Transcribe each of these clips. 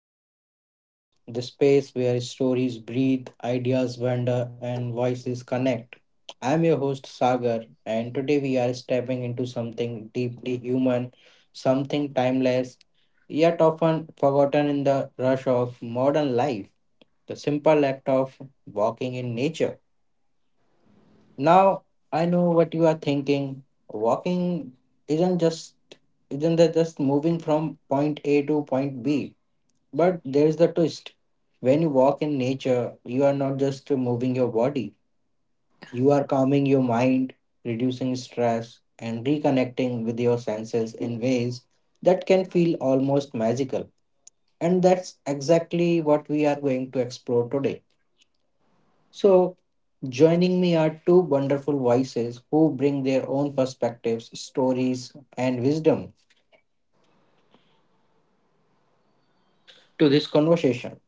back to Talk with Viz, the space where stories breathe, ideas wander, and voices connect. I'm your host Sagar, and today we are stepping into something deeply human, something timeless, yet often forgotten in the rush of modern life, the simple act of walking in nature. Now, I know what you are thinking. Walking isn't just Isn't that just moving from point A to point B? But there's the twist. When you walk in nature, you are not just moving your body, you are calming your mind, reducing stress, and reconnecting with your senses in ways that can feel almost magical. And that's exactly what we are going to explore today. So, joining me are two wonderful voices who bring their own perspectives, stories, and wisdom to this conversation.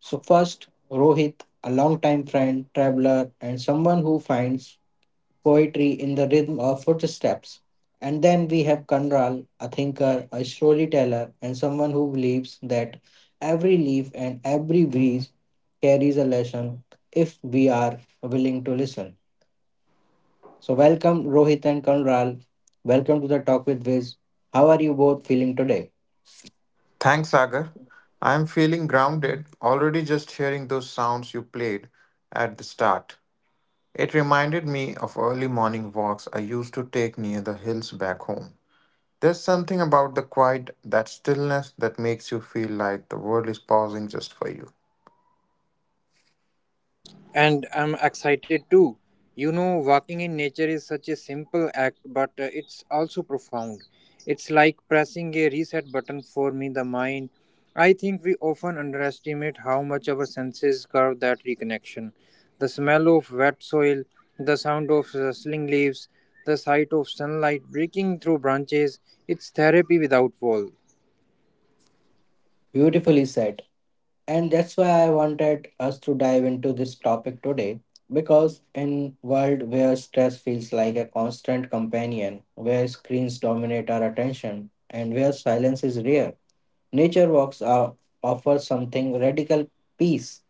So, first, Rohit, a longtime friend, traveler, and someone who finds poetry in the rhythm of footsteps. And then we have Kanral, a thinker, a storyteller, and someone who believes that every leaf and every breeze carries a lesson if we are willing to listen. So, welcome, Rohit and Kanral. Welcome to the Talk with Viz. How are you both feeling today? Thanks, Sagar. I am feeling grounded already just hearing those sounds you played at the start. It reminded me of early morning walks I used to take near the hills back home. There's something about the quiet, that stillness that makes you feel like the world is pausing just for you. And I'm excited too. You know, walking in nature is such a simple act, but it's also profound. It's like pressing a reset button for me, the mind. I think we often underestimate how much our senses curve that reconnection. The smell of wet soil, the sound of rustling leaves, the sight of sunlight breaking through branches, it's therapy without walls. Beautifully said. And that's why I wanted us to dive into this topic today, because in world where stress feels like a constant companion, where screens dominate our attention and where silence is rare, nature walks are, offer something radical, peace.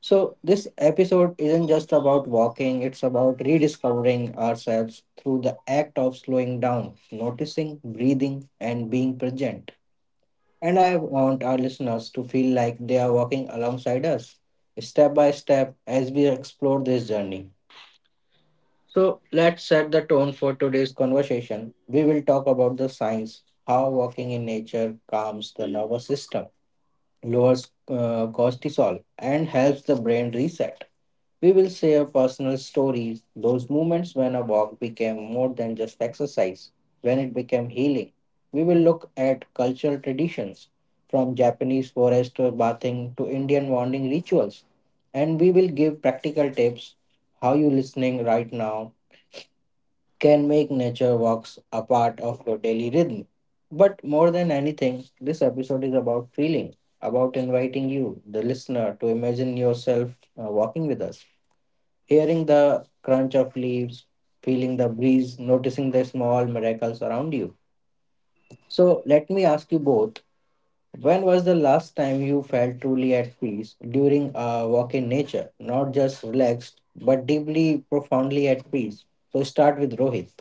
So this episode isn't just about walking, it's about rediscovering ourselves through the act of slowing down, noticing, breathing and being present. And I want our listeners to feel like they are walking alongside us, step by step, as we explore this journey. So, let's set the tone for today's conversation. We will talk about the science, how walking in nature calms the nervous system, lowers cortisol, and helps the brain reset. We will share personal stories, those moments when a walk became more than just exercise, when it became healing. We will look at cultural traditions, from Japanese forest or bathing to Indian morning rituals. And we will give practical tips how you listening right now can make nature walks a part of your daily rhythm. But more than anything, this episode is about feeling, about inviting you, the listener, to imagine yourself walking with us, hearing the crunch of leaves, feeling the breeze, noticing the small miracles around you. So, let me ask you both, when was the last time you felt truly at peace during a walk in nature? Not just relaxed, but deeply, profoundly at peace. So, start with Rohit.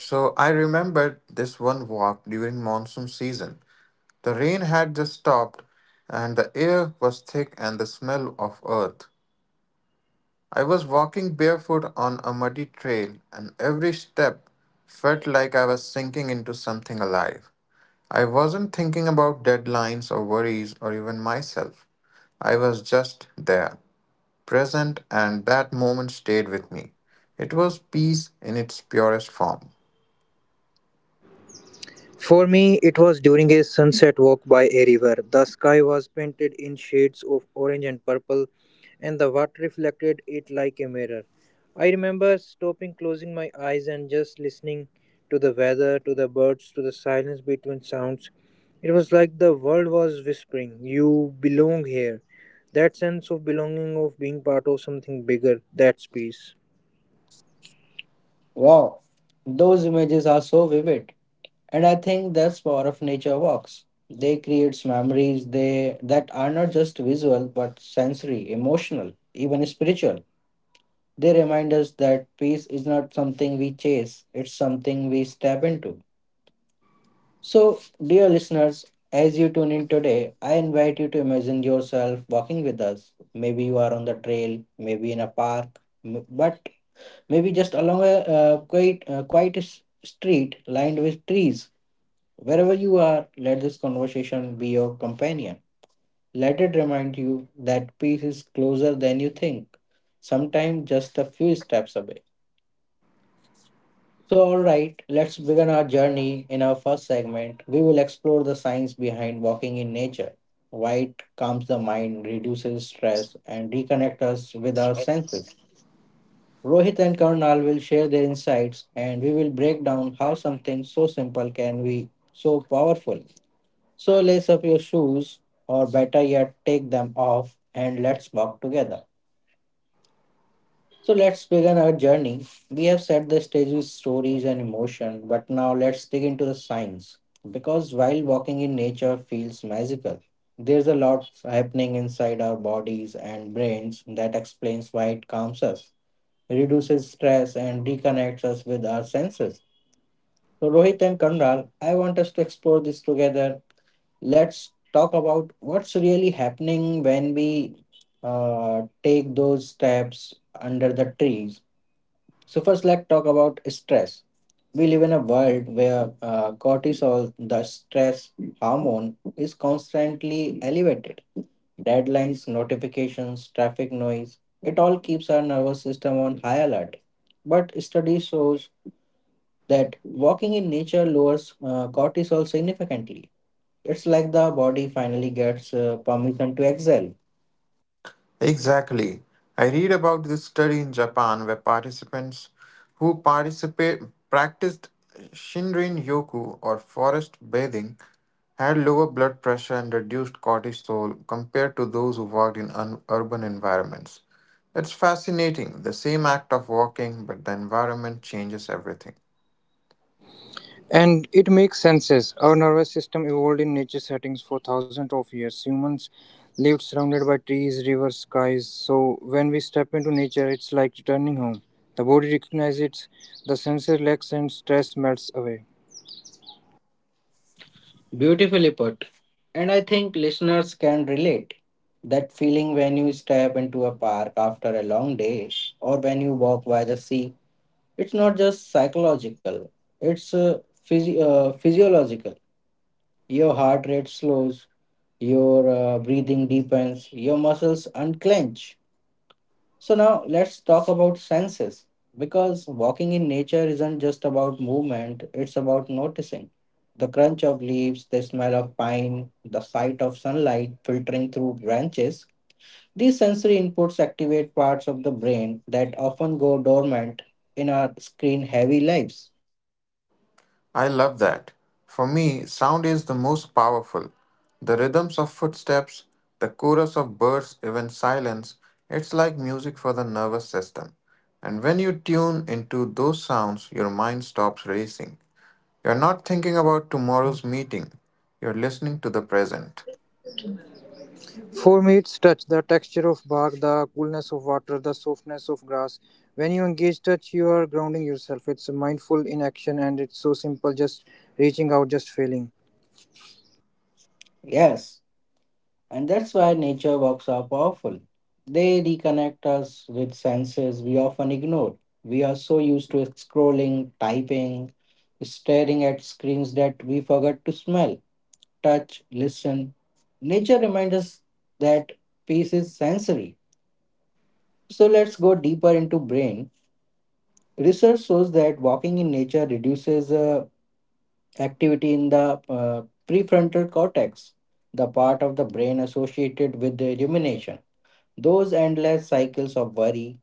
So I remembered this one walk during monsoon season. The rain had just stopped and the air was thick and the smell of earth. I was walking barefoot on a muddy trail, and every step felt like I was sinking into something alive. I wasn't thinking about deadlines or worries or even myself. I was just there, present, and that moment stayed with me. It was peace in its purest form. For me, it was during a sunset walk by a river. The sky was painted in shades of orange and purple, and the water reflected it like a mirror. I remember stopping, closing my eyes, and just listening to the weather, to the birds, to the silence between sounds. It was like the world was whispering, "You belong here." That sense of belonging, of being part of something bigger, that's peace. Wow, those images are so vivid. And I think that's power of nature walks. They creates memories they that are not just visual but sensory, emotional, even spiritual. They remind us that peace is not something we chase, it's something we step into. So, dear listeners, as you tune in today, I invite you to imagine yourself walking with us. Maybe you are on the trail, maybe in a park, but maybe just along a quiet, street lined with trees. Wherever you are, let this conversation be your companion. Let it remind you that peace is closer than you think, sometimes just a few steps away. So, all right, let's begin our journey. In our first segment, we will explore the science behind walking in nature, why it calms the mind, reduces stress, and reconnect us with our senses. Rohit and Karnal will share their insights, and we will break down how something so simple can be so powerful. So, lace up your shoes, or better yet, take them off, and let's walk together. So let's begin our journey. We have set the stage with stories and emotion, but now let's dig into the science. Because while walking in nature feels magical, there's a lot happening inside our bodies and brains that explains why it calms us, reduces stress, and reconnects us with our senses. So, Rohit and Kanral, I want us to explore this together. Let's talk about what's really happening when we take those steps under the trees. So first, let's talk about stress. We live in a world where cortisol, the stress hormone, is constantly elevated. Deadlines, notifications, traffic noise, it all keeps our nervous system on high alert. But study shows that walking in nature lowers cortisol significantly. It's like the body finally gets permission to exhale. Exactly. I read about this study in Japan where participants who participate practiced Shinrin yoku, or forest bathing, had lower blood pressure and reduced cortisol compared to those who worked in un- urban environments. It's fascinating, the same act of walking, but the environment changes everything. And it makes sense. Our nervous system evolved in nature settings for thousands of years. Humans lived surrounded by trees, rivers, skies. So when we step into nature, it's like returning home. The body recognizes it, the senses relax, and stress melts away. Beautifully put. And I think listeners can relate. That feeling when you step into a park after a long day or when you walk by the sea, it's not just psychological, it's physiological. Your heart rate slows, your breathing deepens, your muscles unclench. So now let's talk about senses, because walking in nature isn't just about movement, it's about noticing. The crunch of leaves, the smell of pine, the sight of sunlight filtering through branches. These sensory inputs activate parts of the brain that often go dormant in our screen heavy lives. I love that. For me, sound is the most powerful. The rhythms of footsteps, the chorus of birds, even silence, it's like music for the nervous system. And when you tune into those sounds, your mind stops racing. You're not thinking about tomorrow's meeting, you're listening to the present. For me, it's touch, the texture of bark, the coolness of water, the softness of grass. When you engage touch, you are grounding yourself. It's mindful in action, and it's so simple, just reaching out, just feeling. Yes, and that's why nature walks are powerful. They reconnect us with senses we often ignore. We are so used to scrolling, typing, staring at screens that we forgot to smell, touch, listen. Nature reminds us that peace is sensory. So let's go deeper into brain. Research shows that walking in nature reduces activity in the prefrontal cortex, the part of the brain associated with the rumination. Those endless cycles of worry.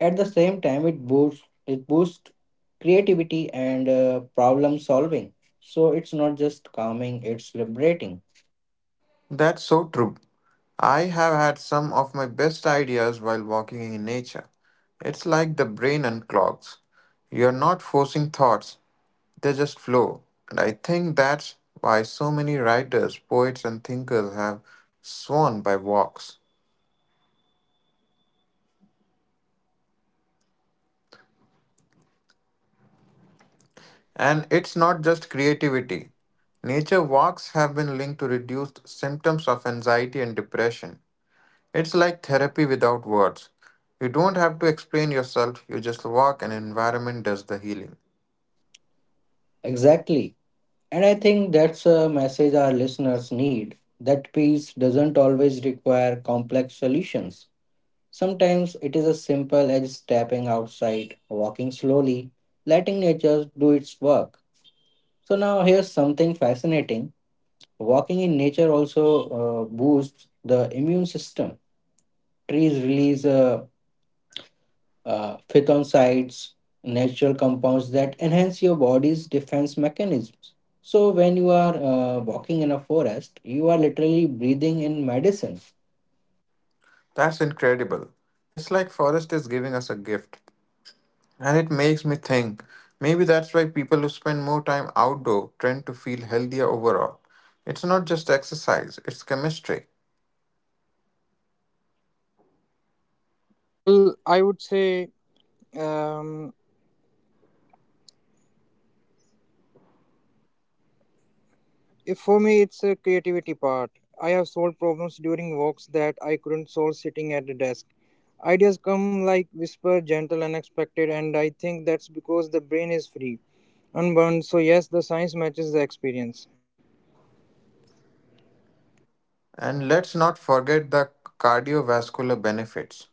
At the same time, it boosts creativity and problem solving. So it's not just calming; it's liberating. That's so true. I have had some of my best ideas while walking in nature. It's like the brain unclogs. You're not forcing thoughts, they just flow. And I think that's why so many writers, poets, and thinkers have sworn by walks. Yeah. And it's not just creativity. Nature walks have been linked to reduced symptoms of anxiety and depression. It's like therapy without words. You don't have to explain yourself, you just walk and environment does the healing. Exactly, and I think that's a message our listeners need. That peace doesn't always require complex solutions. Sometimes it is as simple as stepping outside, walking slowly, letting nature do its work. So now here's something fascinating. Walking in nature also boosts the immune system. Trees release phytoncides, natural compounds that enhance your body's defense mechanisms. So, when you are walking in a forest, you are literally breathing in medicine. That's incredible. It's like forest is giving us a gift. And it makes me think maybe that's why people who spend more time outdoor tend to feel healthier overall. It's not just exercise, it's chemistry. Well, I would say um, If for me, it's a creativity part. I have solved problems during walks that I couldn't solve sitting at the desk. Ideas come like whisper, gentle, unexpected, and I think that's because the brain is free, unbound. So yes, the science matches the experience. And let's not forget the cardiovascular benefits.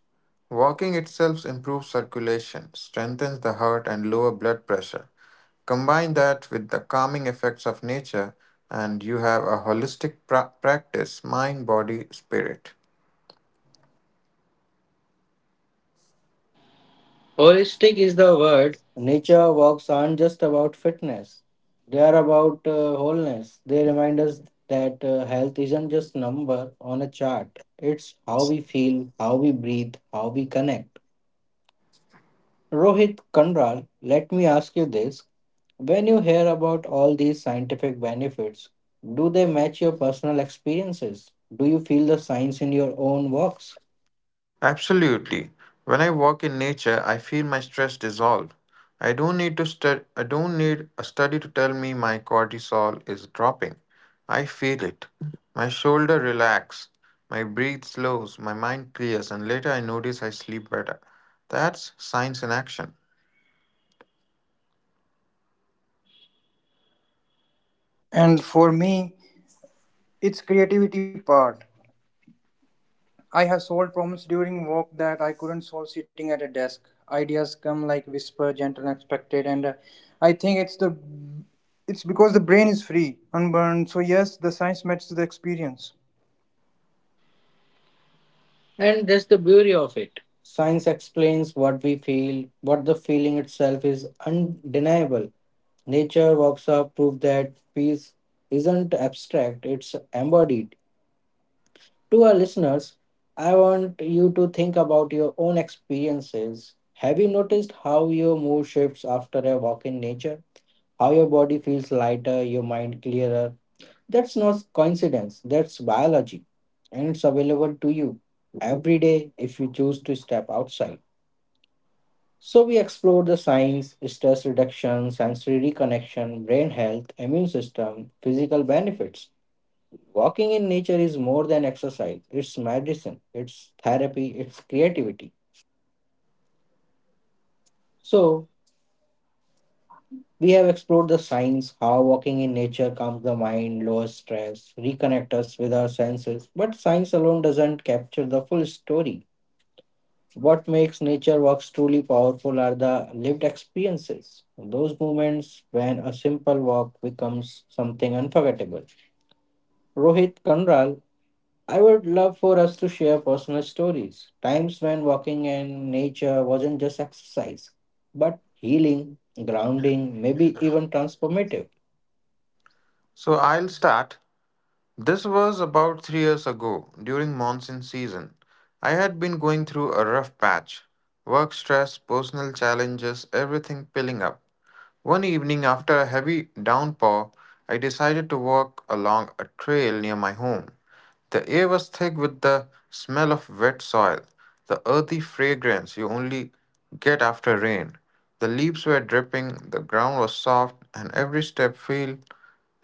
Walking itself improves circulation, strengthens the heart, and lower blood pressure. Combine that with the calming effects of nature, and you have a holistic pra- practice mind, body, spirit. Holistic is the word. Nature walks aren't just about fitness, they are about wholeness. They remind us that health isn't just number on a chart. It's how we feel, how we breathe, how we connect. Rohit Kandral, let me ask you this. When you hear about all these scientific benefits, do they match your personal experiences? Do you feel the science in your own works? Absolutely. When I walk in nature, I feel my stress dissolve. I don't need a study to tell me my cortisol is dropping. I feel it. My shoulder relax, my breath slows, my mind clears and later I notice I sleep better. That's science in action. And for me, it's creativity part. I have solved problems during work that I couldn't solve sitting at a desk. Ideas come like whisper, gentle, unexpected, and I think it's the it's because the brain is free, unburned. So yes, the science matches the experience. And that's the beauty of it. Science explains what we feel, but the feeling itself is undeniable. Nature works up prove that peace isn't abstract, it's embodied. To our listeners, I want you to think about your own experiences. Have you noticed how your mood shifts after a walk in nature? How your body feels lighter, your mind clearer. That's not coincidence, that's biology. And it's available to you every day if you choose to step outside. So, we explored the science, stress reduction, sensory reconnection, brain health, immune system, physical benefits. Walking in nature is more than exercise, it's medicine, it's therapy, it's creativity. So, we have explored the science, how walking in nature calms the mind, lowers stress, reconnect us with our senses. But science alone doesn't capture the full story. What makes nature walks truly powerful are the lived experiences, those moments when a simple walk becomes something unforgettable. Rohit Kanral, I would love for us to share personal stories, times when walking in nature wasn't just exercise, but healing, grounding, maybe even transformative. So I'll start. This was about 3 years ago, during monsoon season. I had been going through a rough patch work stress, personal challenges, everything piling up. One evening, after a heavy downpour, I decided to walk along a trail near my home. The air was thick with the smell of wet soil, the earthy fragrance you only get after rain. The leaves were dripping, the ground was soft, and every step felt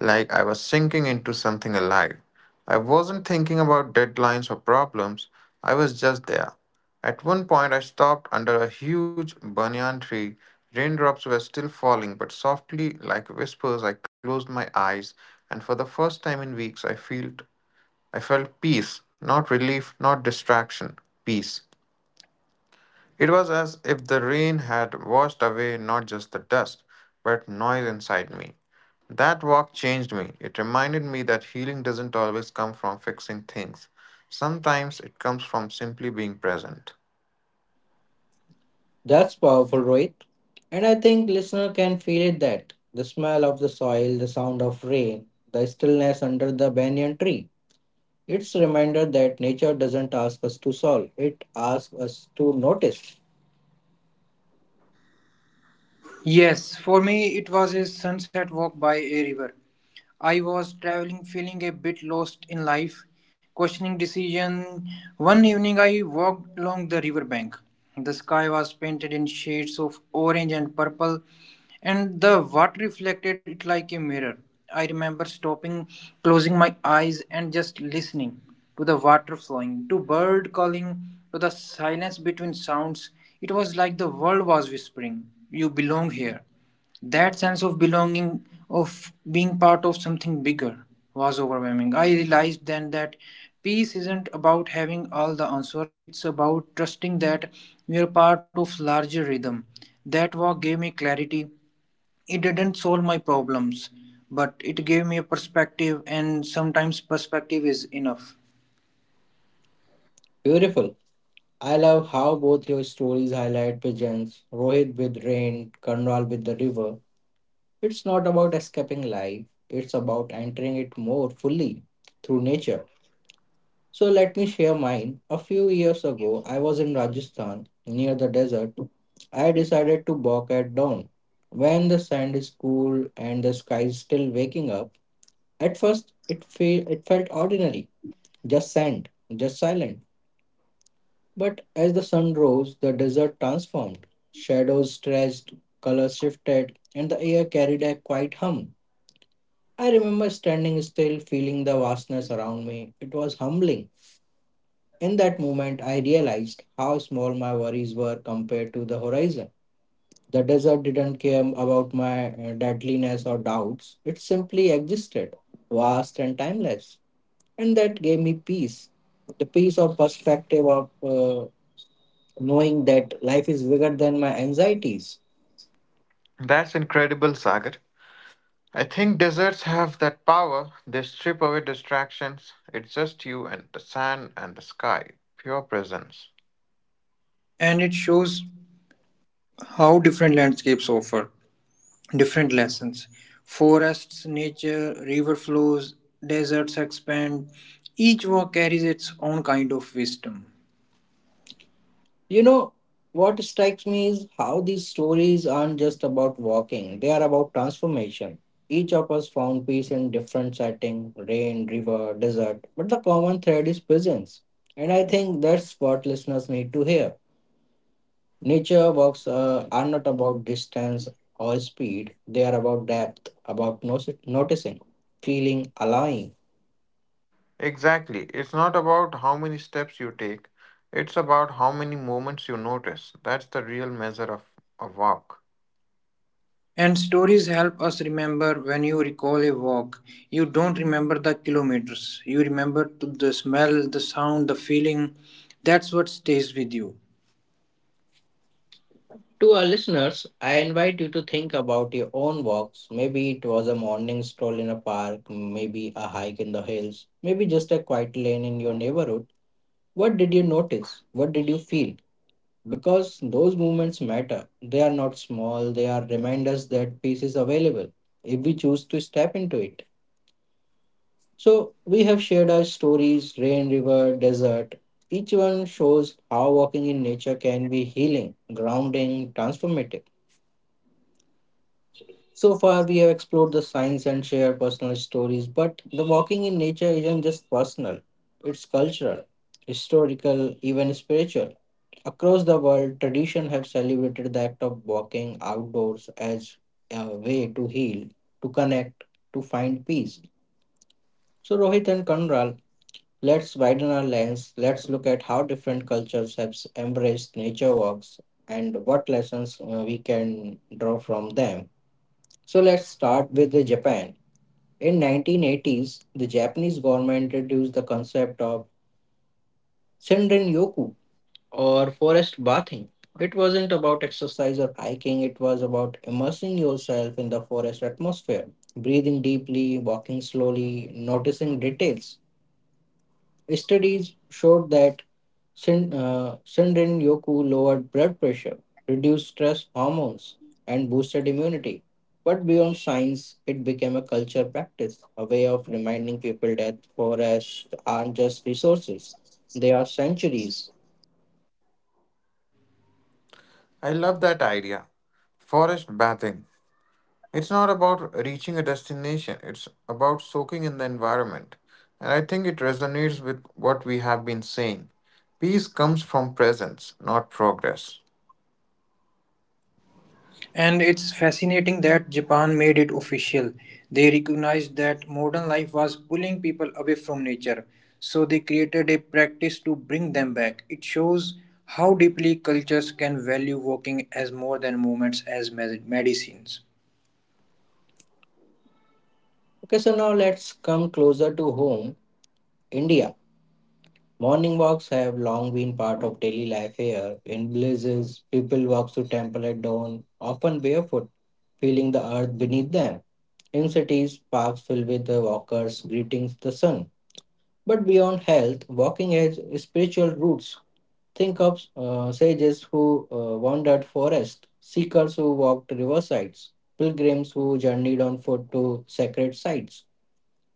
like I was sinking into something alive. I wasn't thinking about deadlines or problems, I was just there. At one point, I stopped under a huge banyan tree. Raindrops were still falling, but softly, like whispers, I closed my eyes, and for the first time in weeks, I felt peace, not relief, not distraction, peace. It was as if the rain had washed away not just the dust, but noise inside me. That walk changed me. It reminded me that healing doesn't always come from fixing things. Sometimes it comes from simply being present. That's powerful, Rohit. And I think listener can feel it, that the smell of the soil, the sound of rain, the stillness under the banyan tree. It's a reminder that nature doesn't ask us to solve, it asks us to notice. Yes, for me it was a sunset walk by a river. I was traveling, feeling a bit lost in life, questioning decision. One evening I walked along the riverbank. The sky was painted in shades of orange and purple and the water reflected it like a mirror. I remember stopping, closing my eyes and just listening to the water flowing, to bird calling, to the silence between sounds. It was like the world was whispering, "you belong here." That sense of belonging, of being part of something bigger, was overwhelming. I realized then that peace isn't about having all the answers, it's about trusting that you're part of larger rhythm. That walk gave me clarity. It didn't solve my problems, but it gave me a perspective, and sometimes perspective is enough. Beautiful. I love how both your stories highlight pigeons, Rohit with rain, Karnal with the river. It's not about escaping life, it's about entering it more fully through nature. So let me share mine. A few years ago, I was in Rajasthan, near the desert. I decided to walk at dawn, when the sand is cool and the sky is still waking up. At first, it felt ordinary, just sand, just silent. But as the sun rose, the desert transformed. Shadows stretched, colors shifted, and the air carried a quiet hum. I remember standing still, feeling the vastness around me. It was humbling. In that moment, I realized how small my worries were compared to the horizon. The desert didn't care about my deadliness or doubts, it simply existed, vast and timeless. And that gave me peace, the peace of perspective, of knowing that life is bigger than my anxieties. That's incredible, Sagar. I think deserts have that power. They strip away distractions. It's just you and the sand and the sky, pure presence. And it shows how different landscapes offer different lessons. Forests, nature, river flows, deserts expand. Each walk carries its own kind of wisdom. You know, what strikes me is how these stories aren't just about walking, they are about transformation. Each of us found peace in different setting, rain, river, desert, but the common thread is presence. And I think that's what listeners need to hear. Nature walks are not about distance or speed, they are about depth, about noticing, feeling, allowing. Exactly. It's not about how many steps you take, it's about how many moments you notice. That's the real measure of a walk. And stories help us remember. When you recall a walk, you don't remember the kilometers. You remember to the smell, the sound, the feeling. That's what stays with you. To our listeners, I invite you to think about your own walks. Maybe it was a morning stroll in a park, maybe a hike in the hills, maybe just a quiet lane in your neighborhood. What did you notice? What did you feel? Because those moments matter. They are not small, they are reminders that peace is available if we choose to step into it. So, we have shared our stories rain, river, desert. Each one shows how walking in nature can be healing, grounding, transformative. So far, we have explored the science and shared personal stories, but the walking in nature isn't just personal, it's cultural, historical, even spiritual. Across the world, tradition have celebrated the act of walking outdoors as a way to heal, to connect, to find peace. So, Rohit and Kanral, let's widen our lens. Let's look at how different cultures have embraced nature walks and what lessons we can draw from them. So, let's start with the Japan. In 1980s, the Japanese government introduced the concept of Shinrin-yoku or forest bathing. It wasn't about exercise or hiking, it was about immersing yourself in the forest atmosphere, breathing deeply, walking slowly, noticing details. Studies showed that Shinrin Yoku lowered blood pressure, reduced stress hormones, and boosted immunity. But beyond science, it became a culture practice, a way of reminding people that forests aren't just resources, they are sanctuaries. I love that idea. Forest bathing. It's not about reaching a destination, it's about soaking in the environment. And I think it resonates with what we have been saying. Peace comes from presence, not progress. And it's fascinating that Japan made it official. They recognized that modern life was pulling people away from nature, so they created a practice to bring them back. It shows how deeply cultures can value walking as more than movements, as medicines. Okay, so now let's come closer to home, India. Morning walks have long been part of daily life here. In villages, people walk to temple at dawn, often barefoot, feeling the earth beneath them. In cities, parks filled with the walkers greeting the sun. But beyond health, walking has spiritual roots. Think of sages who wandered forests, seekers who walked riversides, pilgrims who journeyed on foot to sacred sites.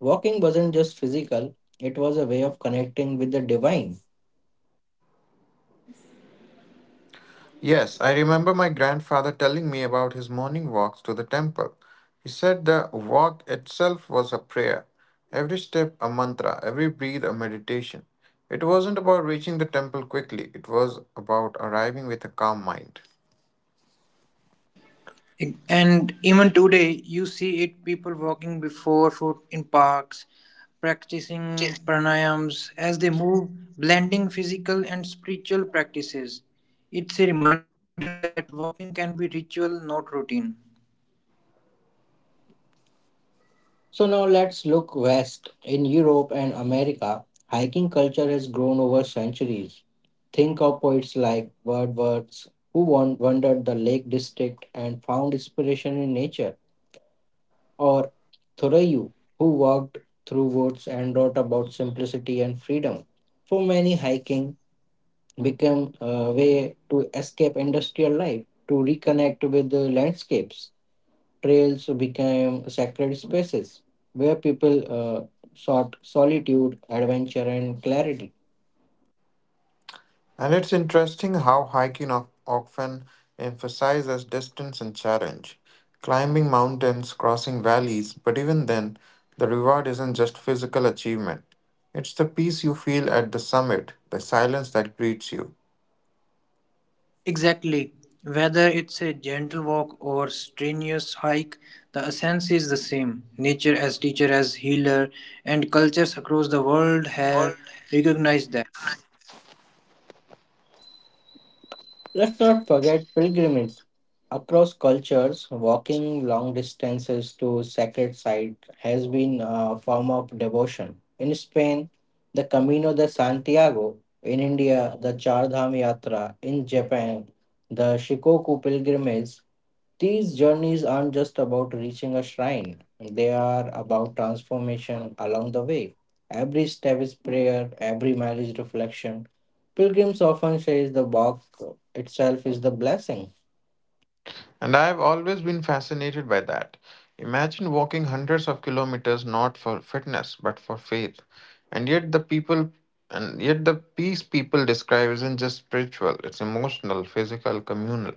Walking wasn't just physical, it was a way of connecting with the divine. Yes, I remember my grandfather telling me about his morning walks to the temple. He said the walk itself was a prayer, every step a mantra, every breath a meditation. It wasn't about reaching the temple quickly, it was about arriving with a calm mind. And even today, you see it, people walking before foot in parks, practicing pranayams as they move, blending physical and spiritual practices. It's a reminder that walking can be ritual, not routine. So now let's look west. In Europe and America, hiking culture has grown over centuries. Think of poets like Wordsworth, who wandered the Lake District and found inspiration in nature, or Thoreau, who walked through woods and wrote about simplicity and freedom. For many, hiking became a way to escape industrial life, to reconnect with the landscapes trails became sacred spaces where people sought solitude, adventure, and clarity. And it's interesting how hiking of- often emphasizes distance and challenge, climbing mountains, crossing valleys, but even then, the reward isn't just physical achievement. It's the peace you feel at the summit, the silence that greets you. Exactly. Whether it's a gentle walk or strenuous hike, the essence is the same. Nature as teacher, as healer, and cultures across the world have recognized that. Let's not forget pilgrimages. Across cultures, walking long distances to sacred sites has been a form of devotion. In Spain, the Camino de Santiago, in India, the Char Dham Yatra, in Japan, the Shikoku pilgrimage. These journeys aren't just about reaching a shrine, they are about transformation along the way. Every step is prayer, every mile is reflection. Pilgrims often say the walk itself is the blessing. And I have always been fascinated by that. Imagine walking hundreds of kilometers not for fitness but for faith. And yet the people and yet the peace people describe isn't just spiritual, it's emotional, physical, communal.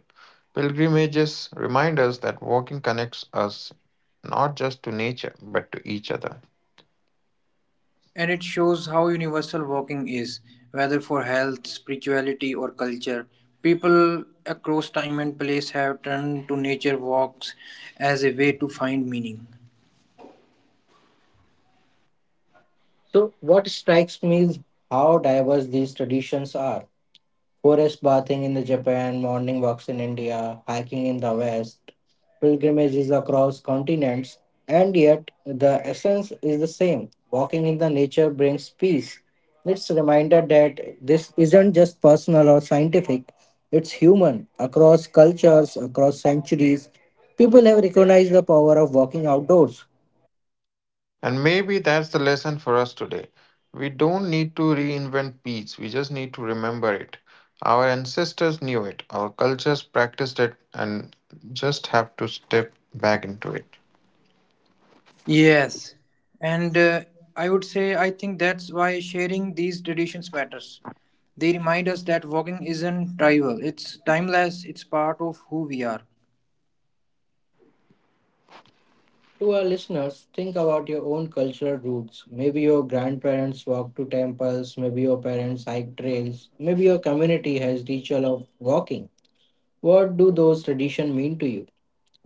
Pilgrimages remind us that walking connects us not just to nature but to each other. And it shows how universal walking is, whether for health, spirituality, or culture. People across time and place have turned to nature walks as a way to find meaning. So, what strikes me is how diverse these traditions are. Forest bathing in the Japan, morning walks in India, hiking in the West, pilgrimages across continents, and yet the essence is the same. Walking in the nature brings peace. It's a reminder that this isn't just personal or scientific, it's human. Across cultures, across centuries, people have recognized the power of walking outdoors. And maybe that's the lesson for us today. We don't need to reinvent peace, we just need to remember it. Our ancestors knew it, our cultures practiced it, and just have to step back into it. Yes, and I would say I think that's why sharing these traditions matters. They remind us that walking isn't trivial, it's timeless, it's part of who we are. To our listeners, think about your own cultural roots. Maybe your grandparents walked to temples, maybe your parents hiked trails, maybe your community has ritual of walking. What do those traditions mean to you?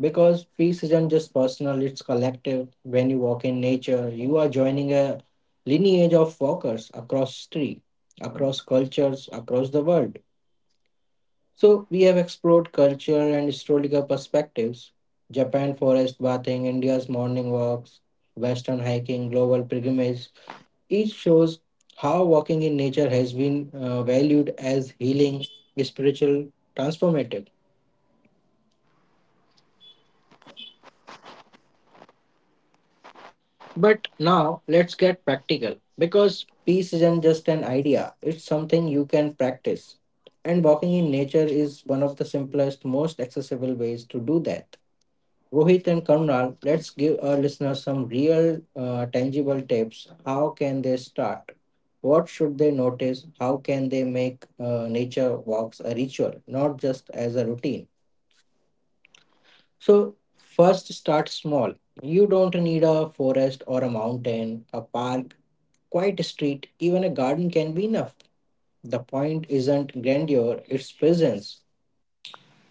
Because peace isn't just personal, it's collective. When you walk in nature, you are joining a lineage of walkers across history, across cultures, across the world. So we have explored culture and historical perspectives. Japan forest bathing, India's morning walks, Western hiking, global pilgrimage. Each shows how walking in nature has been valued as healing, spiritual, transformative. But now let's get practical because peace isn't just an idea, it's something you can practice. And walking in nature is one of the simplest, most accessible ways to do that. Rohit and Kamral, let's give our listeners some real, tangible tips. How can they start? What should they notice? How can they make nature walks a ritual, not just as a routine? So, first, start small. You don't need a forest or a mountain, a park, quiet street, even a garden can be enough. The point isn't grandeur, it's presence.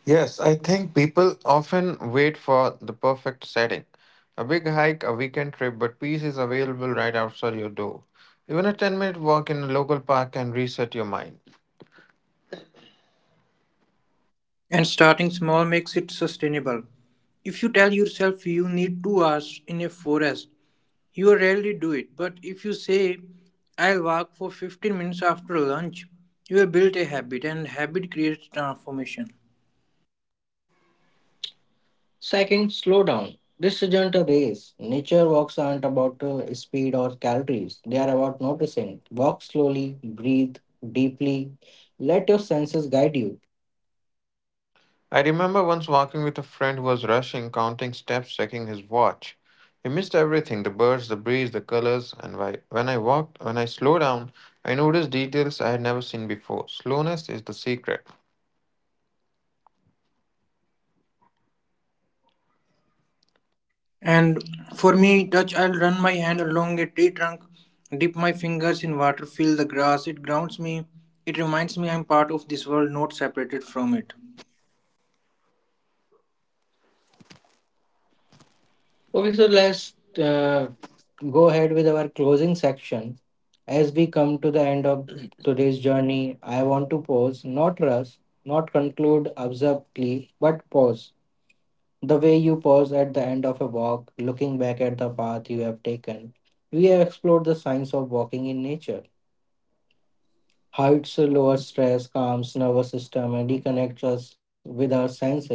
Yes, I think people often wait for the perfect setting. A big hike, a weekend trip, but peace is available right outside your door. Even a 10-minute walk in a local park can reset your mind. And starting small makes it sustainable. If you tell yourself you need 2 hours in a forest, you rarely do it, but if you say, "I'll walk for 15 minutes after lunch," you have built a habit, and habit creates transformation. Cycling, slow down. This isn't a race. Nature walks aren't about speed or calories. They are about noticing. Walk slowly, breathe deeply, let your senses guide you. I remember once walking with a friend who was rushing, counting steps, checking his watch. He missed everything the birds, the breeze, the colors, and why. When I slowed down, I noticed details I had never seen before. Slowness is the secret. And for me, touch, I'll run my hand along a tree trunk, dip my fingers in water, feel the grass. It grounds me, it reminds me I'm part of this world, not separated from it. Okay, so let's uh, go ahead with our closing section. As we come to the end of today's journey, I want to pause, not rush, not conclude abruptly, but pause the way you pause at the end of a walk, looking back at the path you have taken. We have explored the science of walking in nature, how it lowers stress, calms nervous system, and reconnects us with our senses.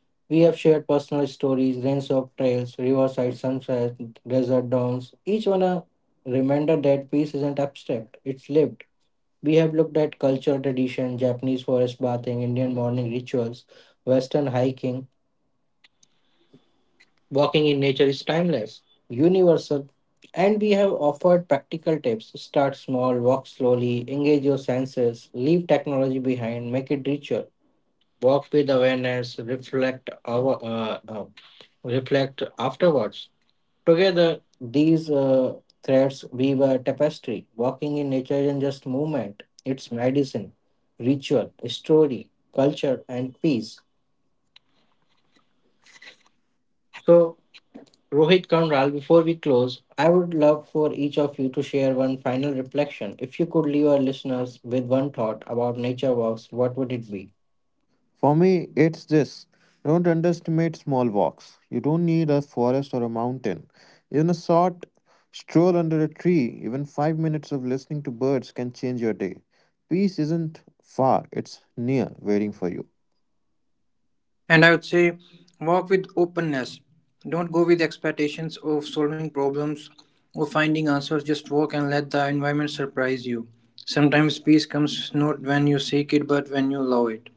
We have shared personal stories, range of trails, riverside sunsets, desert downs. Each one a reminder that peace isn't abstract; it's lived. We have looked at culture, tradition, Japanese forest bathing, Indian morning rituals, Western hiking. Walking in nature is timeless, universal, and we have offered practical tips. Start small, walk slowly, engage your senses, leave technology behind, make it richer. Walk with awareness, reflect afterwards. Together, these threads weave a tapestry. Walking in nature isn't just movement; it's medicine, ritual, story, culture, and peace. So Rohit Kandral, before we close, I would love for each of you to share one final reflection. If you could leave our listeners with one thought about nature walks, what would it be? For me, it's this. Don't underestimate small walks. You don't need a forest or a mountain. Even a short stroll under a tree, even 5 minutes of listening to birds can change your day. Peace isn't far, it's near, waiting for you. And I would say walk with openness. Don't go with expectations of solving problems or finding answers. Just walk and let the environment surprise you. Sometimes peace comes not when you seek it but when you allow it.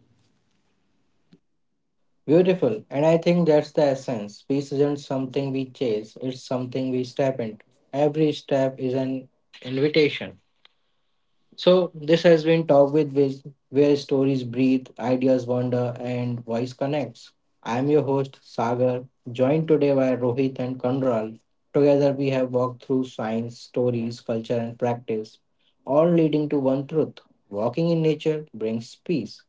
Beautiful. And I think that's the essence. Peace isn't something we chase, it's something we step into. Every step is an invitation. So this has been Talk with Viz, where stories breathe, ideas wander, and voice connects. I am your host Sagar, joined today by Rohit and Kanral. Together we have walked through science, stories, culture, and practice, all leading to one truth: walking in nature brings peace.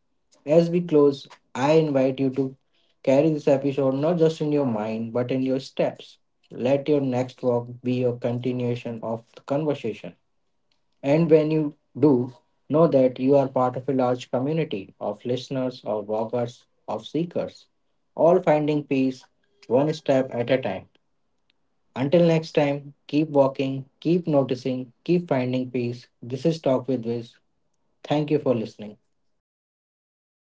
As we close, I invite you to carry this episode not just in your mind but in your steps. Let your next walk be a continuation of the conversation. And when you do, know that you are part of a large community of listeners, of walkers, of seekers, all finding peace one step at a time. Until next time, keep walking, keep noticing, keep finding peace. This is Talk with Wiz. Thank you for listening.